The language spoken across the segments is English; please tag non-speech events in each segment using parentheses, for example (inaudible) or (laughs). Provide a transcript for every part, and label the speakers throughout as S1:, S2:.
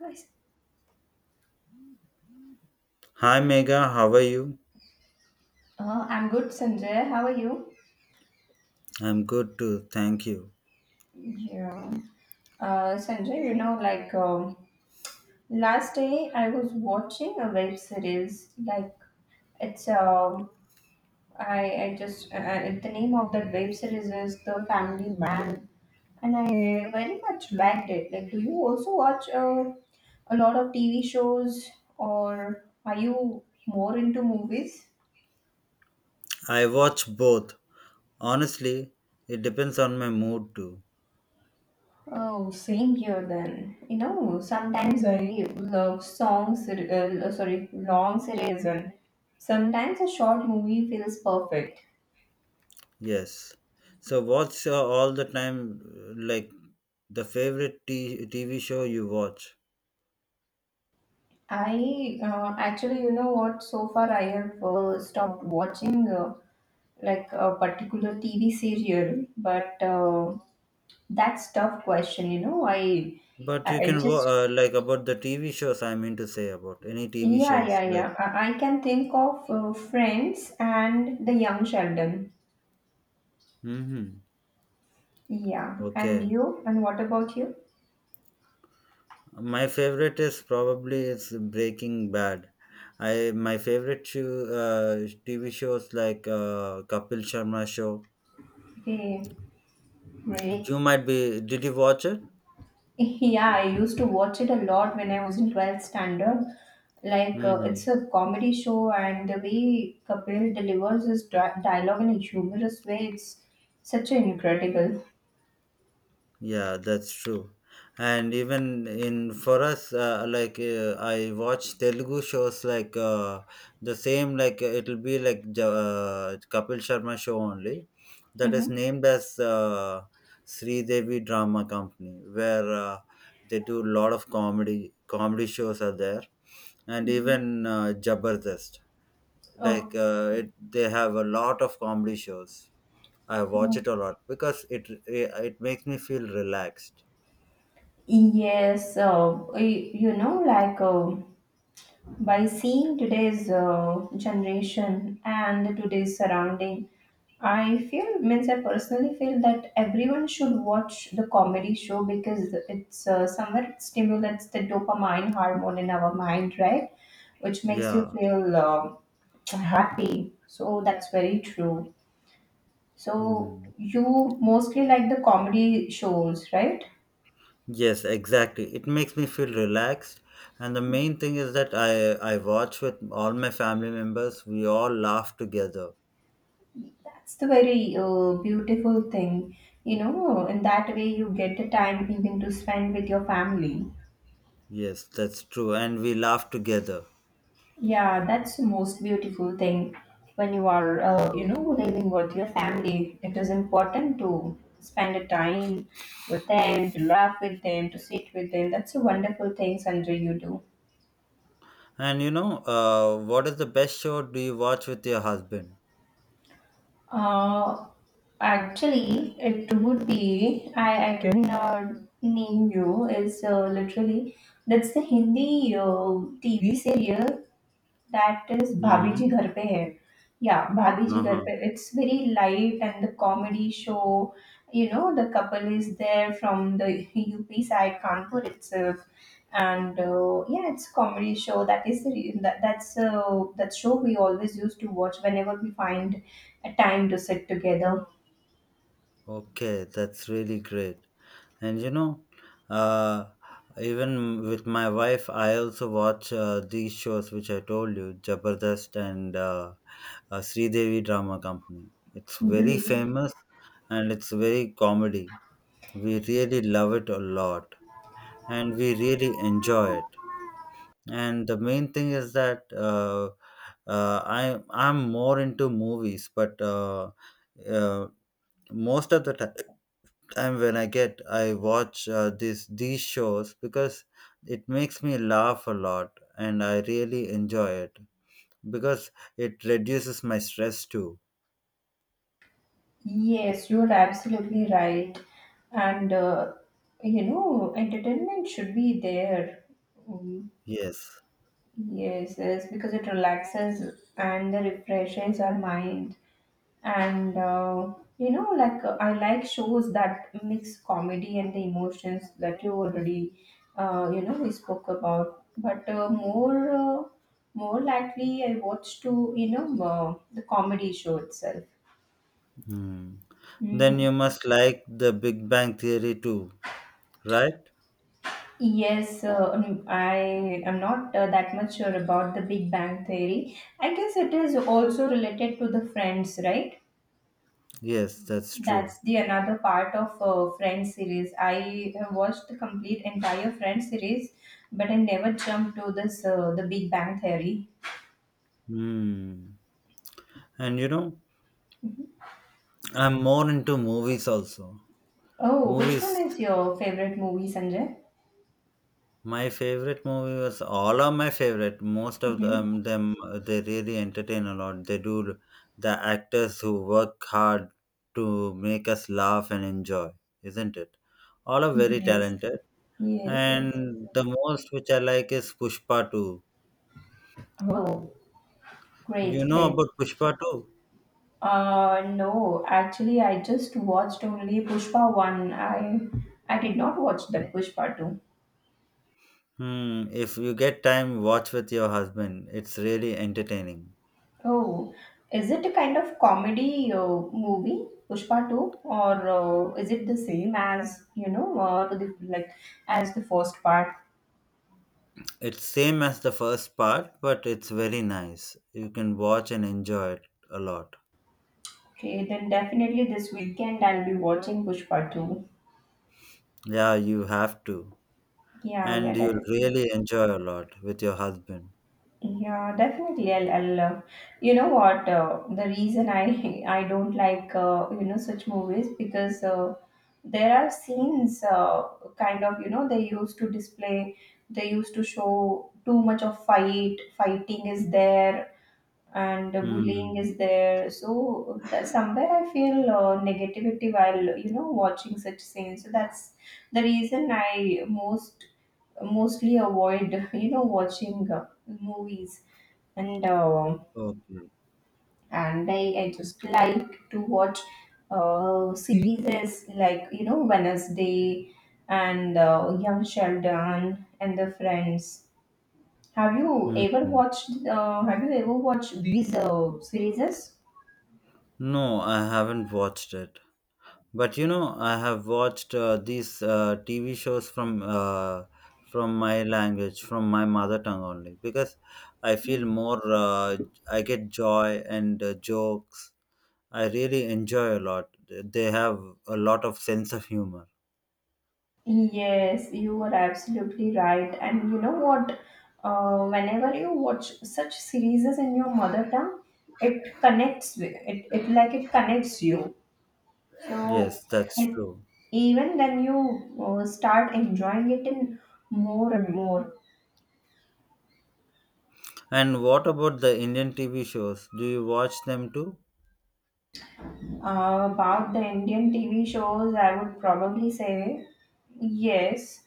S1: Hi.
S2: Hi Mega, how are you?
S1: I'm good, Sanjay. How are you?
S2: I'm good too, thank you.
S1: Yeah. Sanjay, you know, like last day I was watching a web series. Like it's I just the name of that web series is The Family Man, and I very much liked it. Like, do you also watch a lot of TV shows, or are you more into movies?
S2: I watch both. Honestly, it depends on my mood too.
S1: Oh, same here then. You know, sometimes I love long series and sometimes a short movie feels perfect.
S2: Yes. So what's all the time like the favorite TV show you watch?
S1: I Actually, you know what, so far I have stopped watching like a particular TV serial, but that's tough question, you know.
S2: But you
S1: I
S2: can
S1: just
S2: like about the TV shows. I mean to say about any TV
S1: yeah
S2: shows
S1: yeah
S2: like
S1: yeah. I can think of Friends and The Young Sheldon.
S2: mhm.
S1: Yeah. And
S2: Okay.
S1: you? And what about you?
S2: My favorite is probably is Breaking Bad. I My favorite show, TV shows like Kapil Sharma show.
S1: Okay, great.
S2: You
S1: (laughs)
S2: might be. Did you watch it?
S1: Yeah, I used to watch it a lot when I was in 12th standard. Like, it's
S2: Hmm.
S1: a comedy show, and the way Kapil delivers his dialogue in a humorous way, it's such an incredible.
S2: Yeah, that's true. And even in for us, like I watch Telugu shows like the same. Like it'll be like the Kapil Sharma show only, that is
S1: Mm-hmm.
S2: named as Sri Devi Drama Company, where they do a lot of comedy. Comedy shows are there, and
S1: Mm-hmm.
S2: even Jabardast. Like
S1: Oh,
S2: they have a lot of comedy shows. I watch
S1: yeah.
S2: it a lot because it makes me feel relaxed.
S1: Yes. You know, by seeing today's generation and today's surrounding, I feel, means I personally feel that everyone should watch the comedy show because it's somewhere it stimulates the dopamine hormone in our mind, right, which makes you
S2: Yeah.
S1: feel happy. So that's very true.
S2: Hmm.
S1: So you mostly like the comedy shows, right?
S2: Yes, exactly. It makes me feel relaxed, and the main thing is that I watch with all my family members. We all laugh together.
S1: That's the very beautiful thing, you know. In that way, you get the time even to spend with your family.
S2: Yes, that's true, and we laugh together.
S1: Yeah, that's the most beautiful thing when you are, you know, living with your family. It is important to spend the time with them, to laugh with them, to sit with them. That's a wonderful thing, Sandra, you do.
S2: And you know, what is the best show do you watch with your husband?
S1: Uh, Actually, it would be I didn't name you is literally that's the Hindi TV serial that is Bhabhi
S2: Mm-hmm.
S1: Ji Ghar Pe Hai. Yeah, Bhabhi Ji Ghar
S2: Uh-huh.
S1: Pe. It's very light and the comedy show. You know, the couple is there from the UP side, Kanpur itself, and yeah, it's a comedy show. That is the reason that that show we always used to watch whenever we find a time to sit together.
S2: Okay, that's really great. And you know, uh, even with my wife, I also watch these shows which I told you, Jabardast and Sridevi Drama Company. It's very
S1: Great.
S2: famous and it's very comedy. We really love it a lot and we really enjoy it. And the main thing is that I'm more into movies, but uh, most of the ti time when I get, I watch this these shows because it makes me laugh a lot, and I really enjoy it because it reduces my stress too.
S1: Yes, you're absolutely right. And you know, entertainment should be there. Mm.
S2: Yes.
S1: Yes, yes, because it relaxes and refreshes our mind. And you know, like I like shows that mix comedy and the emotions that you already, you know, we spoke about. More likely, I watch to you know the comedy show itself.
S2: Hmm. Then
S1: Mm.
S2: you must like the Big Bang Theory too, right?
S1: Yes, I am not that much sure about the Big Bang Theory. I guess it is also related to the Friends, right?
S2: Yes, that's true.
S1: That's the another part of Friends series. I have watched the complete entire Friends series, but I never jumped to this The Big Bang Theory.
S2: Hmm. And you know, I'm more into movies also.
S1: Oh, which one
S2: Movies.
S1: is your favorite movie, Sanjay?
S2: My favorite movie was all are my favorite. Most of
S1: Hmm.
S2: them, them they really entertain a lot. They do the actors who work hard to make us laugh and enjoy, isn't it? All are very
S1: Yes,
S2: talented.
S1: yes, yes.
S2: And the most which I like is Pushpa 2.
S1: Oh,
S2: You
S1: great,
S2: know
S1: great.
S2: about Pushpa 2?
S1: No, actually, I just watched only Pushpa one. I did not watch the Pushpa two.
S2: Hmm, if you get time, watch with your husband. It's really entertaining.
S1: Oh, is it a kind of comedy movie, Pushpa 2, or is it the same as, you know, the, like as the first part?
S2: It's same as the first part, but it's very nice. You can watch and enjoy it a lot.
S1: Okay, then definitely this weekend I'll be watching Pushpa 2.
S2: Yeah, you have to.
S1: Yeah,
S2: And
S1: yeah,
S2: you'll
S1: definitely.
S2: really enjoy a lot with your husband.
S1: Yeah, definitely. I'll you know what? The reason I (laughs) I don't like you know such movies because there are scenes kind of, you know, they used to display, they used to show too much of fighting is there and bullying
S2: Hmm.
S1: is there, so that somewhere I feel negativity while, you know, watching such scenes. So that's the reason I mostly avoid (laughs) you know watching movies. and uh,
S2: Okay.
S1: and I, I just like to watch series like, you know, Wednesday and Young Sheldon and the Friends.
S2: Hmm.
S1: Have you ever watched these series?
S2: No, I haven't watched it. But you know, I have watched these TV shows from my language, from my mother tongue only, because I feel more. I get joy and jokes. I really enjoy a lot. They have a lot of sense of humor.
S1: Yes, you are absolutely right. And you know what? Whenever you watch such series in your mother tongue, it connects with it, it like it connects you. So,
S2: Yes, that's
S1: and
S2: true.
S1: even then you start enjoying it in more and more.
S2: And what about the Indian TV shows? Do you watch them too?
S1: About the Indian TV shows, I would probably say yes.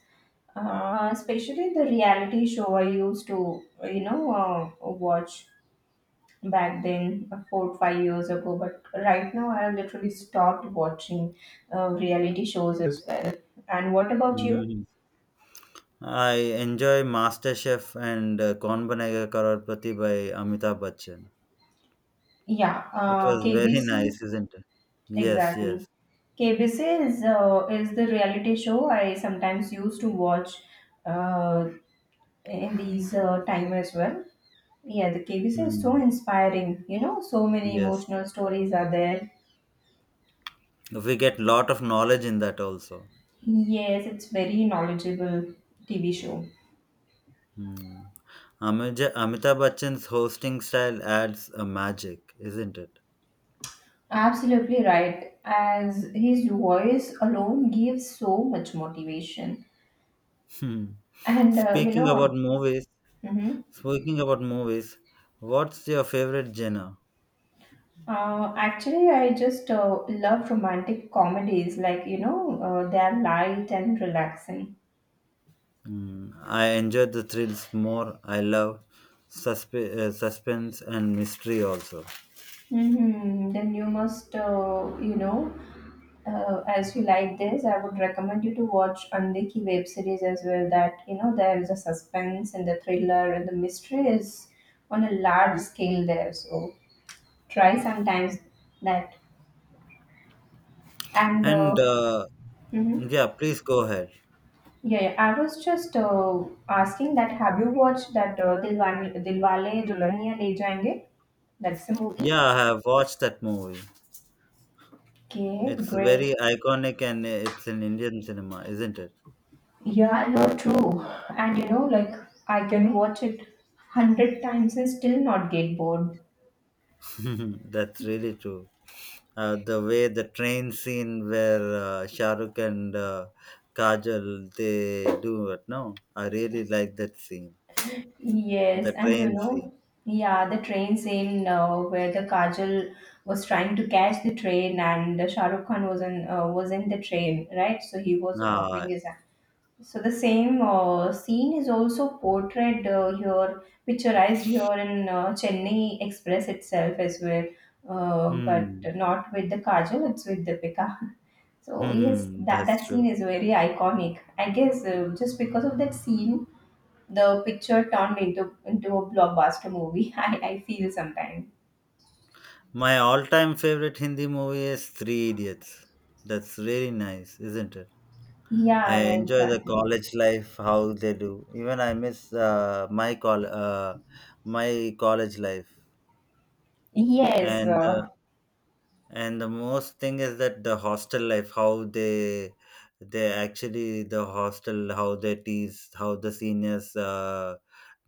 S1: Especially the reality show I used to, you know, watch back then, 4 5 years ago. But right now, I have literally stopped watching reality shows as well. And what about you?
S2: Mm. I enjoy MasterChef and Kaun Banega Karorpati by Amitabh Bachchan.
S1: Yeah,
S2: It was very
S1: KBC.
S2: nice, isn't it? Yes,
S1: Exactly.
S2: yes.
S1: KBC is the reality show I sometimes used to watch uh, in these time as well. Yeah, the KBC is so
S2: Mm.
S1: inspiring. You know, so many
S2: Yes.
S1: emotional stories are there.
S2: We get lot of knowledge in that also.
S1: Yes, it's very knowledgeable TV show.
S2: Mm. Amitabh Bachchan's hosting style adds a magic, isn't it?
S1: Absolutely right. As his voice alone gives so much motivation,
S2: Hmm.
S1: and you
S2: Speaking about
S1: know,
S2: movies,
S1: mhm.
S2: Speaking about movies, what's your favorite genre?
S1: Actually, I just love romantic comedies. Like, you know, they are light and relaxing.
S2: Mm, I enjoy the thrills more. I love suspense and mystery also.
S1: Hmm. Then you must, you know, as you like this, I would recommend you to watch Andiki web series as well. That, you know, there is a suspense and the thriller and the mystery is on a large scale there. So try sometimes that. And
S2: And
S1: mhm.
S2: yeah, please go ahead.
S1: Yeah, yeah. I was just asking that have you watched that Dilwale Dulhaniya Le Jayenge? That's a movie.
S2: Yeah, I have watched that movie.
S1: Okay,
S2: It's very
S1: great.
S2: iconic and it's in Indian cinema, isn't it?
S1: Yeah, no, true. And you know, like I can watch it hundred times and still not get bored.
S2: (laughs) That's really true. The way the train scene where Shah Rukh and Kajal they do it. No, I really like that scene.
S1: Yes,
S2: The
S1: and you
S2: train scene.
S1: know, yeah, the train scene where the Kajal was trying to catch the train and Shah Rukh Khan was in the train, right? So he was
S2: Ah,
S1: offering his. So the same scene is also portrayed here, picturized here in Chennai Express itself as well, but
S2: hmm,
S1: not with the Kajal, it's with Deepika. (laughs) So
S2: hmm,
S1: yes,
S2: hmm,
S1: that
S2: that's
S1: that scene
S2: true.
S1: is very iconic. I guess just because of that scene, the picture turned into a blockbuster movie. (laughs) I feel sometimes.
S2: My all time favorite Hindi movie is Three Idiots. That's really nice, isn't it? I
S1: Yeah, yeah,
S2: enjoy the
S1: exactly.
S2: college life, how they do. Even I miss my college life,
S1: Yes,
S2: and uh, and the most thing is that the hostel life, how they actually the hostel, how they tease, how the seniors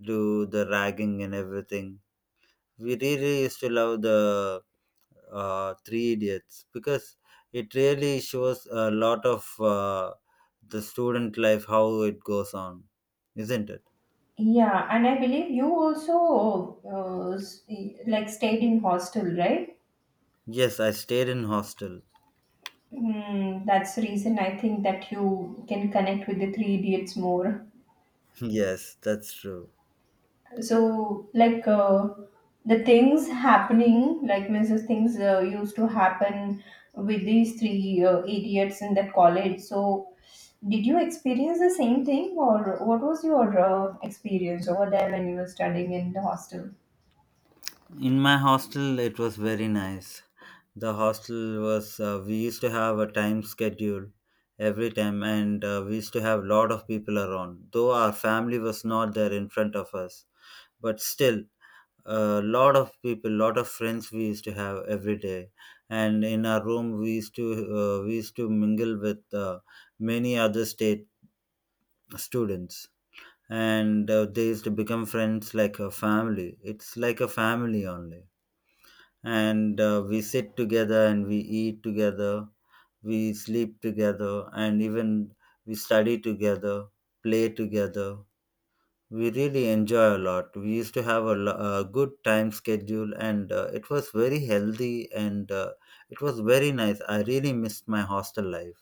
S2: do the ragging and everything. We really used to love the Three Idiots because it really shows a lot of the student life how it goes on, isn't it?
S1: yeah, and I believe you also like stayed in hostel, right?
S2: Yes, I stayed in hostel. (laughs)
S1: Hmm, that's the reason I think that you can connect with the Three Idiots more.
S2: Yes, that's true.
S1: So, like the things happening, like means the things used to happen with these three idiots in that college. So, did you experience the same thing, or what was your experience over there when you were studying in the hostel?
S2: In my hostel, it was very nice. The hostel was we used to have a time schedule every time, and we used to have lot of people around. Though our family was not there in front of us, but still a lot of people, lot of friends we used to have every day, and in our room we used to mingle with many other state students, and they used to become friends like a family. It's like a family only, and we sit together and we eat together, we sleep together and even we study together, play together. We really enjoy a lot. We used to have a good time schedule, and it was very healthy and it was very nice. I really missed my hostel life.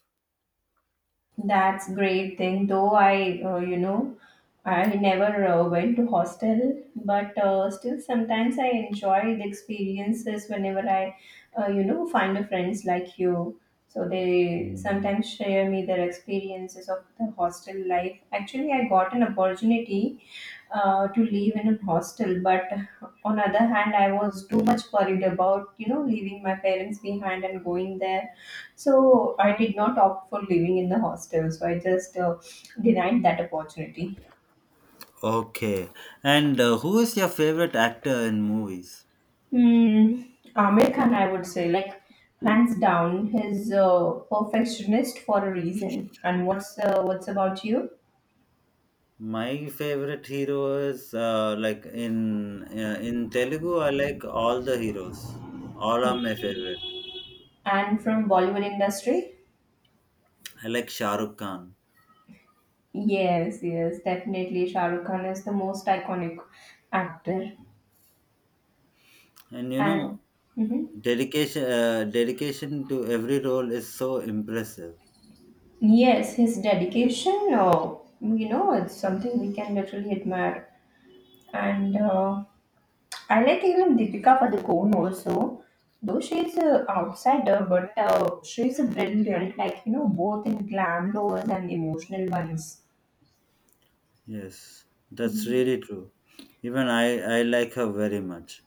S1: That's great thing. Though I, you know, I never went to hostel, but still sometimes I enjoy the experiences whenever I, you know, find a friends like you. So they
S2: Hmm.
S1: sometimes share me their experiences of the hostel life. Actually, I got an opportunity to live in a hostel, but on other hand, I was too much worried about, you know, leaving my parents behind and going there, so I did not opt for living in the hostel, so I just denied that opportunity.
S2: Okay. And who is your favorite actor in movies?
S1: Hmm. Amir Khan, I would say, like hands down, he's a perfectionist for a reason. And what's about you?
S2: My favorite hero is like in Telugu. I like all the heroes. All are my
S1: Okay.
S2: favorite.
S1: And from Bollywood industry?
S2: I like Shah Rukh Khan,
S1: Yes, yes, definitely. Shah Rukh Khan is the most iconic actor,
S2: and you
S1: and
S2: know,
S1: mhm.
S2: dedication to every role is so impressive.
S1: Yes, his dedication. You know, it's something we can literally admire. And I like even Deepika Padukone also, though she's a outsider, but she's a brilliant, like you know, both in glam lovers and emotional ones.
S2: Yes, that's really true. Even I like her very much.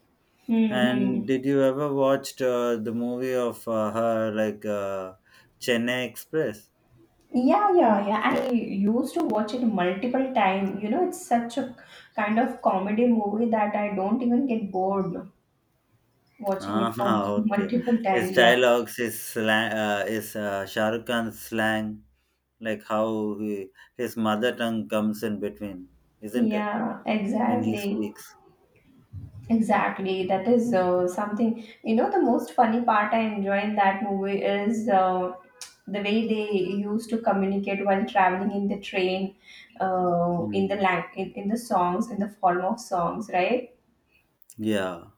S2: And
S1: Mm-hmm.
S2: did you ever watched the movie of her like Chennai Express?
S1: Yeah, yeah, yeah. I used to watch it multiple times. You know, it's such a kind of comedy movie that I don't even get bored watching
S2: Ah,
S1: it for
S2: (laughs) okay.
S1: multiple
S2: His
S1: time. Yeah,
S2: dialogues, his slang, his Shah Rukh Khan's slang, like how his mother tongue comes in between, isn't it?
S1: yeah,
S2: When he
S1: exactly.
S2: speaks.
S1: Exactly, that is something. You know, the most funny part I enjoy in that movie is the way they used to communicate while traveling in the train,
S2: Mm.
S1: in the songs, in the form of songs, right?
S2: Yeah.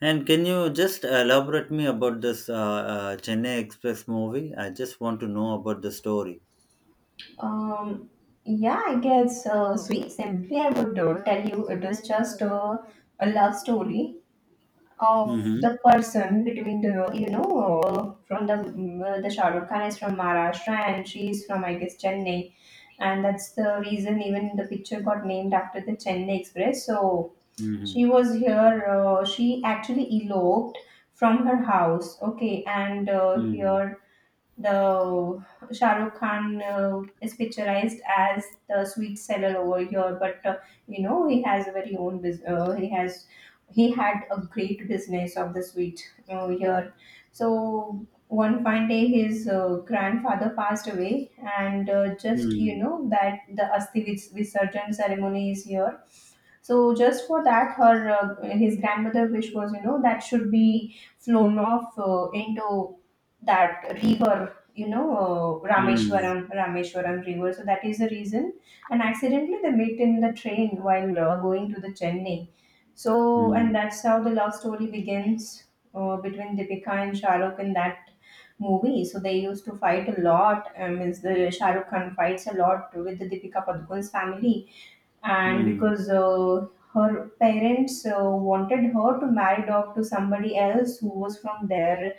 S2: And can you just elaborate me about this Chennai Express movie? I just want to know about the story.
S1: Um, yeah, I guess so. Simply, I would tell you it is just a love story of
S2: Mm-hmm.
S1: the person between the you know the Shahrukh Khan is from Maharashtra and she is from I guess Chennai, and that's the reason even the picture got named after the Chennai Express. So
S2: Mm-hmm.
S1: she was here. She actually eloped from her house. Okay, and
S2: Mm-hmm.
S1: here the Shah Rukh Khan is picturized as the sweet seller over here, but you know he has a very own business. He had a great business of the sweet here. So one fine day, his grandfather passed away, and just you know that the Asthi Visarjan ceremony is here, so just for that, her his grandmother wish was that should be flown off into that river,
S2: Mm-hmm.
S1: Rameshwaram river. So that is the reason. And accidentally they meet in the train while going to the Chennai. So and
S2: Mm-hmm.
S1: that's how the love story begins between Deepika and Shahrukh in that movie. So they used to fight a lot. Means the Shahrukh Khan fights a lot with the Deepika Padukone's family, and because her parents wanted her to marry off to somebody else who was from their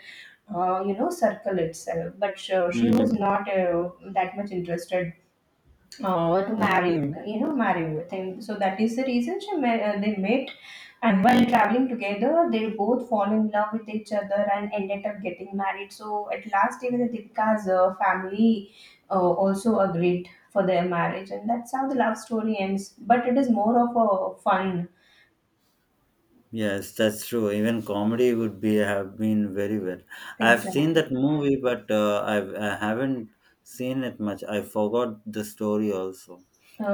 S1: circle itself, but she was
S2: Mm-hmm.
S1: not that much interested. Oh, to
S2: Okay.
S1: married thing. So that is the reason they met, and while traveling together, they both fall in love with each other and ended up getting married. So at last, even the Deepika's family also agreed for their marriage, and that's how the love story ends. But it is more of a fun.
S2: Yes, that's true. Even comedy would be have been very well. I've seen
S1: Exactly.
S2: that movie, but I haven't seen it much. I forgot the story also.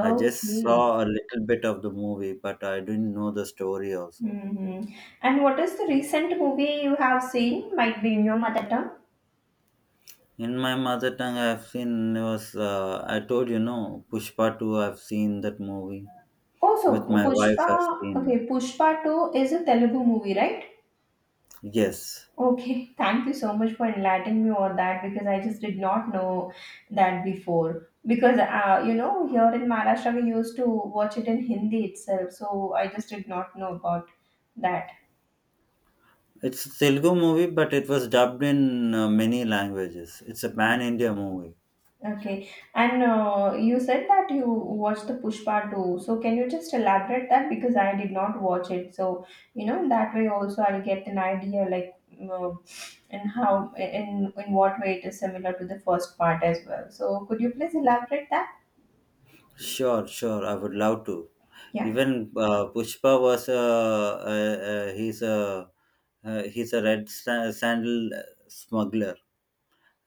S2: I just saw a little bit of the movie, but I didn't know the story also.
S1: Hmm. And what is the recent movie you have seen? Might be in your mother tongue.
S2: In my mother tongue, I've seen was I told you no Pushpa 2. I've seen that movie
S1: Also,
S2: with my wife.
S1: Pushpa,
S2: I've seen that.
S1: okay, Pushpa 2 is a Telugu movie, right?
S2: Yes,
S1: Okay, thank you so much for enlightening me on that because I just did not know that before. Because, here in Maharashtra we used to watch it in Hindi itself, so I just did not know about that.
S2: it's a Telugu movie, but it was dubbed in many languages. It's a pan India movie.
S1: Okay, and you said that you watched the Pushpa too. So can you just elaborate that because I did not watch it. So you know that way also I'll get an idea, like uh, and how in what way it is similar to the first part as well. So could you please elaborate that?
S2: Sure, sure. I would love to.
S1: Yeah.
S2: Even Pushpa was a he's a he's a sandal smuggler,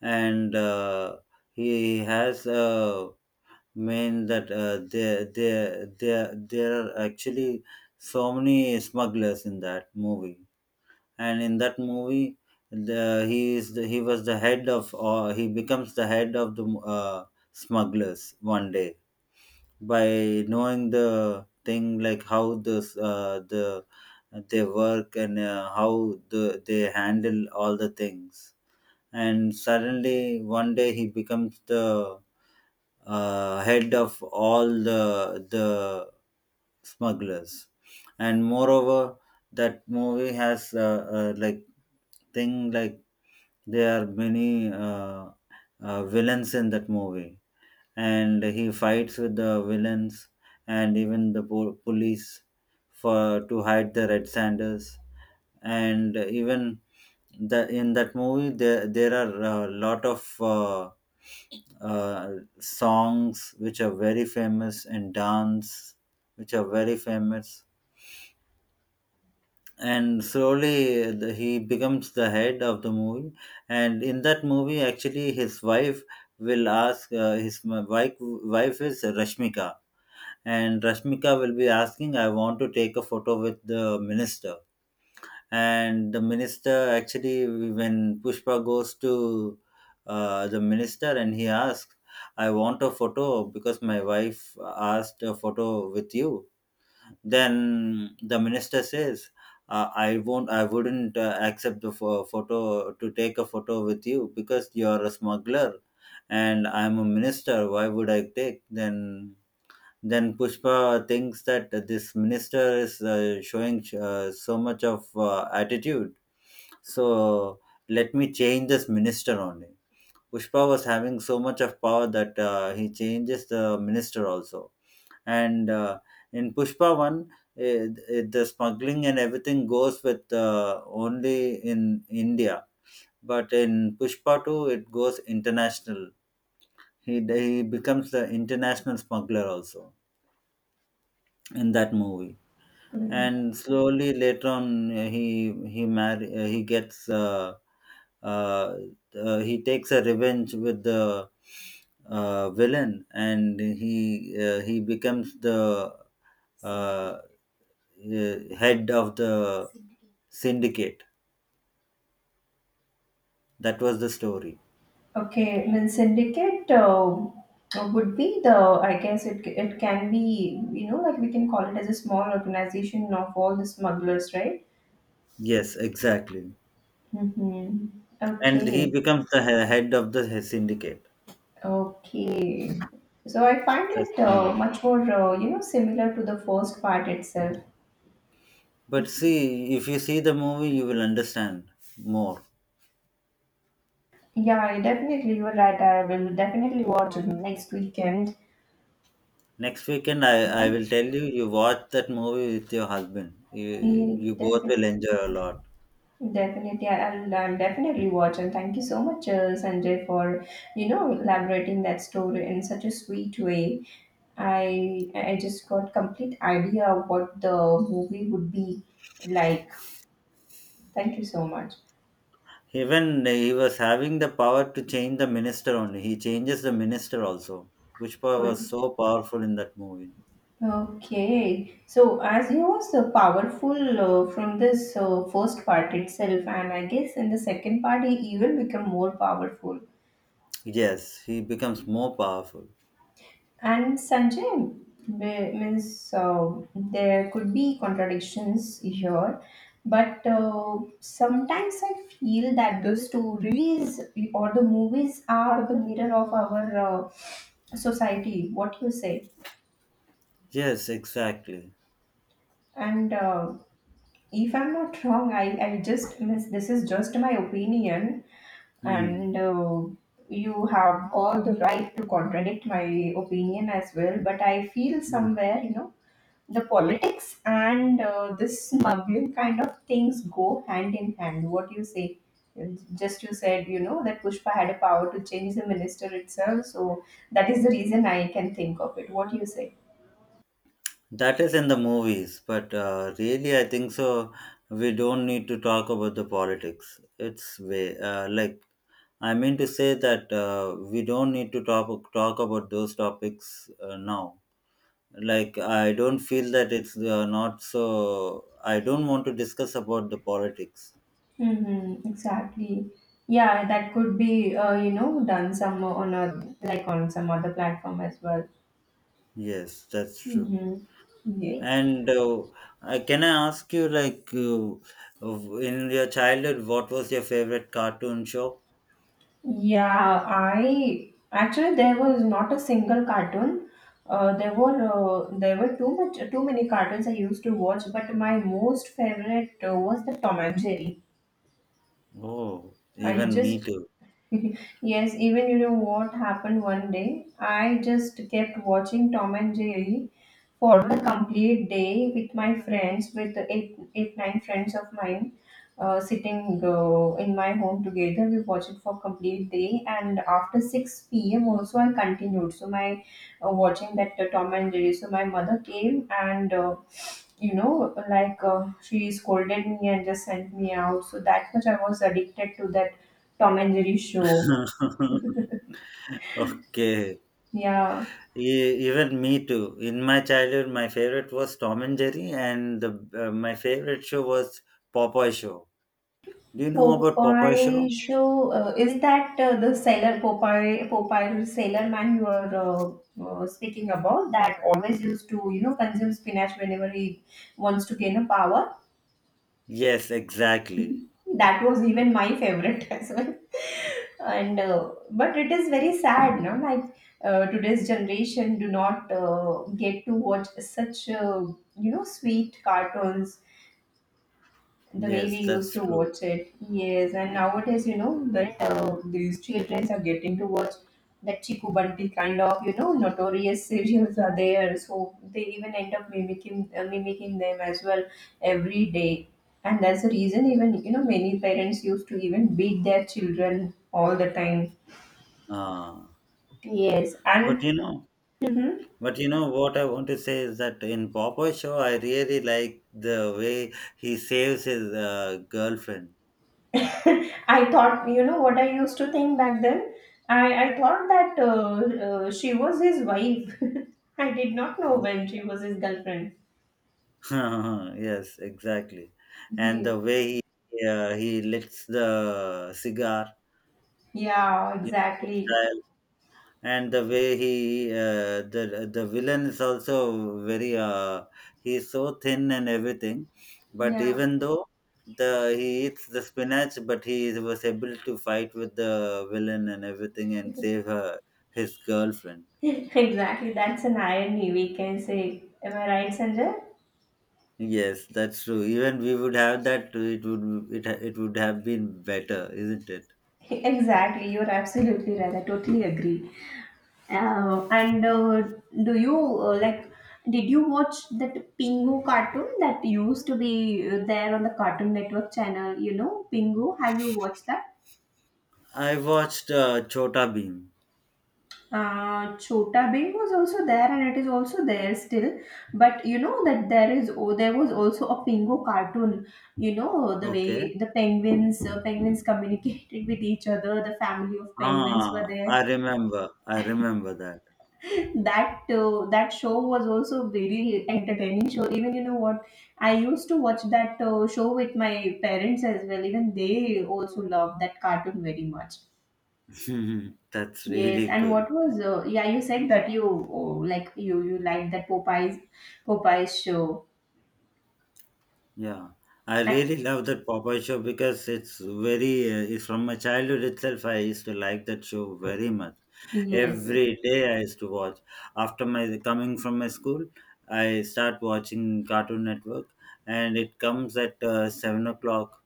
S2: and he has a, mean that there there there there are actually so many smugglers in that movie, and in that movie the he is the, he was the head of, or he becomes the head of the smugglers one day by knowing the thing like how this they work, and how they handle all the things, and suddenly one day he becomes the head of all the smugglers. And moreover that movie has like thing like there are many villains in that movie, and he fights with the villains and even the police for to hide the red sanders. And even the in that movie there are a lot of songs which are very famous, and dance which are very famous. And slowly he becomes the head of the movie. And in that movie actually his wife will ask his wife. Wife is Rashmika, and Rashmika will be asking, I want to take a photo with the minister. And the minister actually, when Pushpa goes to the minister and he asks, I want a photo because my wife asked a photo with you. Then the minister says, I wouldn't accept the photo to take a photo with you because you're a smuggler and I'm a minister, why would I take? Then Pushpa thinks that this minister is showing so much of attitude. So let me change this minister only. Pushpa was having so much of power that he changes the minister also. And in Pushpa 1, the smuggling and everything goes with only in India. But in Pushpa 2, it goes international. He becomes the international smuggler also in that movie. And slowly later on he marry he gets uh, he takes a revenge with the villain, and he becomes the uh, uh, head of the syndicate. That was the story.
S1: Okay, then syndicate would be the I guess it can be, you know, like we can call it as a small organization of all the smugglers, right?
S2: Yes, exactly.
S1: Mm-hmm.
S2: And he
S1: Okay.
S2: becomes the head of the syndicate.
S1: Okay. So I find
S2: That's
S1: it
S2: the movie,
S1: much more, similar to the first part itself.
S2: but see, if you see the movie you will understand more.
S1: Yeah, I definitely, you're right. I will definitely watch it next weekend.
S2: Next weekend, I
S1: Thank
S2: will tell you, you watch that movie with your husband.
S1: you.
S2: You both will
S1: Definitely,
S2: enjoy a lot.
S1: definitely, I- will I'll definitely watch. And thank you so much, Sanjay, for elaborating that story in such a sweet way. I just got complete idea of what the movie would be like. Thank you so much.
S2: Even he was having the power to change the minister only. He changes the minister also, which power was
S1: Great.
S2: so powerful in that movie.
S1: Okay, so as he was powerful from this first part itself, and I guess in the second part he, even become more powerful.
S2: Yes, he becomes more powerful.
S1: And Sanjay, means there could be contradictions here, but sometimes I feel that the stories or the movies are the mirror of our society. What you say?
S2: Yes, exactly.
S1: And if I'm not wrong, I just miss this is just my opinion,
S2: Hmm.
S1: and you have all the right to contradict my opinion as well, but I feel
S2: Hmm.
S1: somewhere, you know, the politics and this smuggling kind of things go hand in hand. What you say? Just you said, you know, that pushpa had a power to change the minister itself, so that is the reason I can think of it. What do you say?
S2: That is in the movies, but really, I think so. We don't need to talk about the politics. It's way like, I mean to say that we don't need to talk about those topics now. Like, I don't feel that it's not so. I don't want to discuss about the politics.
S1: Mm-hmm, exactly. Yeah, that could be, done some on a, like on some other platform as well.
S2: Yes, that's true.
S1: Mm-hmm. Yes.
S2: And can I ask you, like, in your childhood, what was your favorite cartoon show?
S1: Yeah, I actually there was not a single cartoon. There were too many cartoons I used to watch, but my most favorite was the Tom and Jerry.
S2: Oh,
S1: I
S2: even
S1: just
S2: me too.
S1: (laughs) yes, even you know what happened one day. I just kept watching Tom and Jerry for a complete day with my friends, with eight nine friends of mine, sitting in my home together. We watched it for complete day, and after 6 p.m. also I continued. So my watching that Tom and Jerry. So my mother came and you know like she scolded me and just sent me out. So that much I was addicted to that Tom and Jerry show.
S2: (laughs) Okay.
S1: Yeah.
S2: Even me too. In my childhood, my favorite was Tom and Jerry, and my favorite show was Popeye Show. Do you know about Popeye
S1: Popeye
S2: Show?
S1: show is that the sailor Popeye the sailor man you are speaking about, that always used to consume spinach whenever he wants to gain a power.
S2: Yes, exactly.
S1: That was even my favorite (laughs) as well. And but it is very sad, no? Like today's generation do not get to watch such sweet cartoons the way
S2: Yes,
S1: we used
S2: that's
S1: to
S2: true.
S1: watch it. Yes, and nowadays, that these children are getting to watch that Chiku Bunty kind of, notorious (laughs) serials are there. So they even end up mimicking them as well every day. And that's the reason even, many parents used to even beat their children all the time.
S2: Ah,
S1: Yes,
S2: but
S1: and
S2: you know,
S1: Mhm.
S2: but you know what I want to say is that in Popeye Show, I really like the way he saves his girlfriend.
S1: I thought, what I used to think back then. I thought that she was his wife. (laughs) I did not know when she was his girlfriend.
S2: (laughs) yes, exactly. And
S1: Ye-
S2: the way he licks the cigar,
S1: Yeah,
S2: you know, the
S1: exactly.
S2: style, and the way he the villain is also very he's so thin and everything, but
S1: Yeah,
S2: even though the he eats the spinach, but he was able to fight with the villain and everything and save her his girlfriend.
S1: (laughs) exactly. That's an irony, we can say. Am I right, Sanjay?
S2: Yes, that's true. Even we would have that. It would have been better, isn't it?
S1: (laughs) Exactly. You're absolutely right. I totally agree. And do you like? Did you watch that Pingu cartoon that used to be there on the Cartoon Network channel? You know, Pingu. Have you watched that?
S2: I watched Chota Beam.
S1: Chota Bing was also there, and it is also there still. But you know that there was also a Pingu cartoon. You know the
S2: Okay.
S1: way the penguins communicated (laughs) with each other. The family of penguins were
S2: Ah,
S1: there.
S2: I remember. That.
S1: That show was also very entertaining show. Even you know what, I used to watch that show with my parents as well. Even they also loved that cartoon very much.
S2: (laughs) That's
S1: Yes,
S2: really
S1: and
S2: good.
S1: what was yeah, you said that like you liked that popeyes show.
S2: Yeah. I
S1: And,
S2: really love that Popeye show because it's it's from my childhood itself. I used to like that show very much.
S1: yes, yes,
S2: Every day I used to watch. After my coming from my school, I start watching Cartoon Network, and it comes at 7 o'clock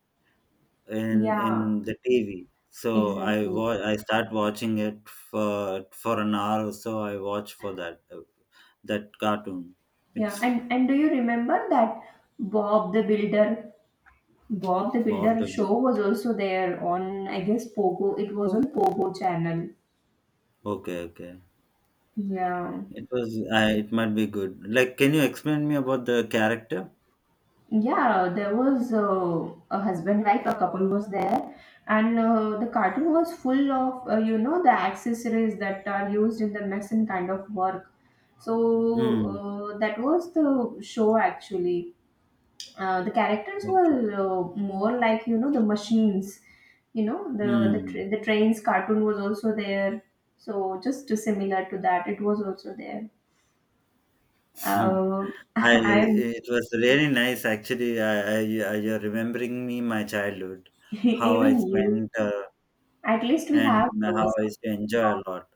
S2: in
S1: yeah,
S2: in the TV. So
S1: exactly.
S2: I start watching it for an hour or so. I watch for that that cartoon.
S1: Yeah,
S2: It's
S1: and do you remember that bob the builder Bob the
S2: what
S1: Builder
S2: the good.
S1: show was also there on, I guess, Pogo. It was on Pogo channel.
S2: Okay, okay.
S1: Yeah,
S2: It was. I. It might be good. Like, can you explain me about the character?
S1: yeah. There was a husband wife. A couple was there, and the cartoon was full of the accessories that are used in the mess kind of work. So
S2: Hmm.
S1: that was the show actually. The characters
S2: Okay.
S1: were more like the machines. You know,
S2: Hmm.
S1: the trains cartoon was also there, so similar to that, it was also there.
S2: (laughs) Hmm.
S1: uh,
S2: I.
S1: (laughs) I'm.
S2: It was really nice, actually. You're remembering me my childhood,
S1: (laughs)
S2: how I
S1: Even you.
S2: spent,
S1: At least we
S2: and
S1: have
S2: how I used to enjoy a lot.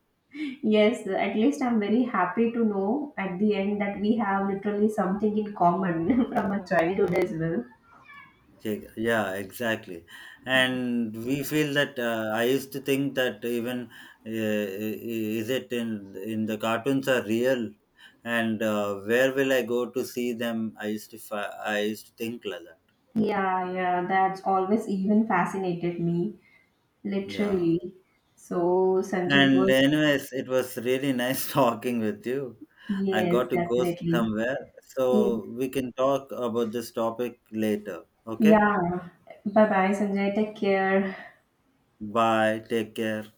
S1: yes, at least I'm very happy to know at the end that we have literally something in common (laughs) from our childhood as well.
S2: Yeah, yeah, exactly. And we feel that I used to think that even I- is it in the cartoons are real, and where will I go to see them? I used to think like that.
S1: Yeah, yeah, that's always even fascinated me.
S2: Yeah.
S1: Literally. So, Sanjay, it
S2: And
S1: was,
S2: anyways, it was really nice (laughs) talking with you. I
S1: yes,
S2: got to go
S1: definitely.
S2: somewhere, so we can talk about this topic later. Okay.
S1: Yeah. Bye bye, Sanjay. Take care.
S2: Bye. Take care.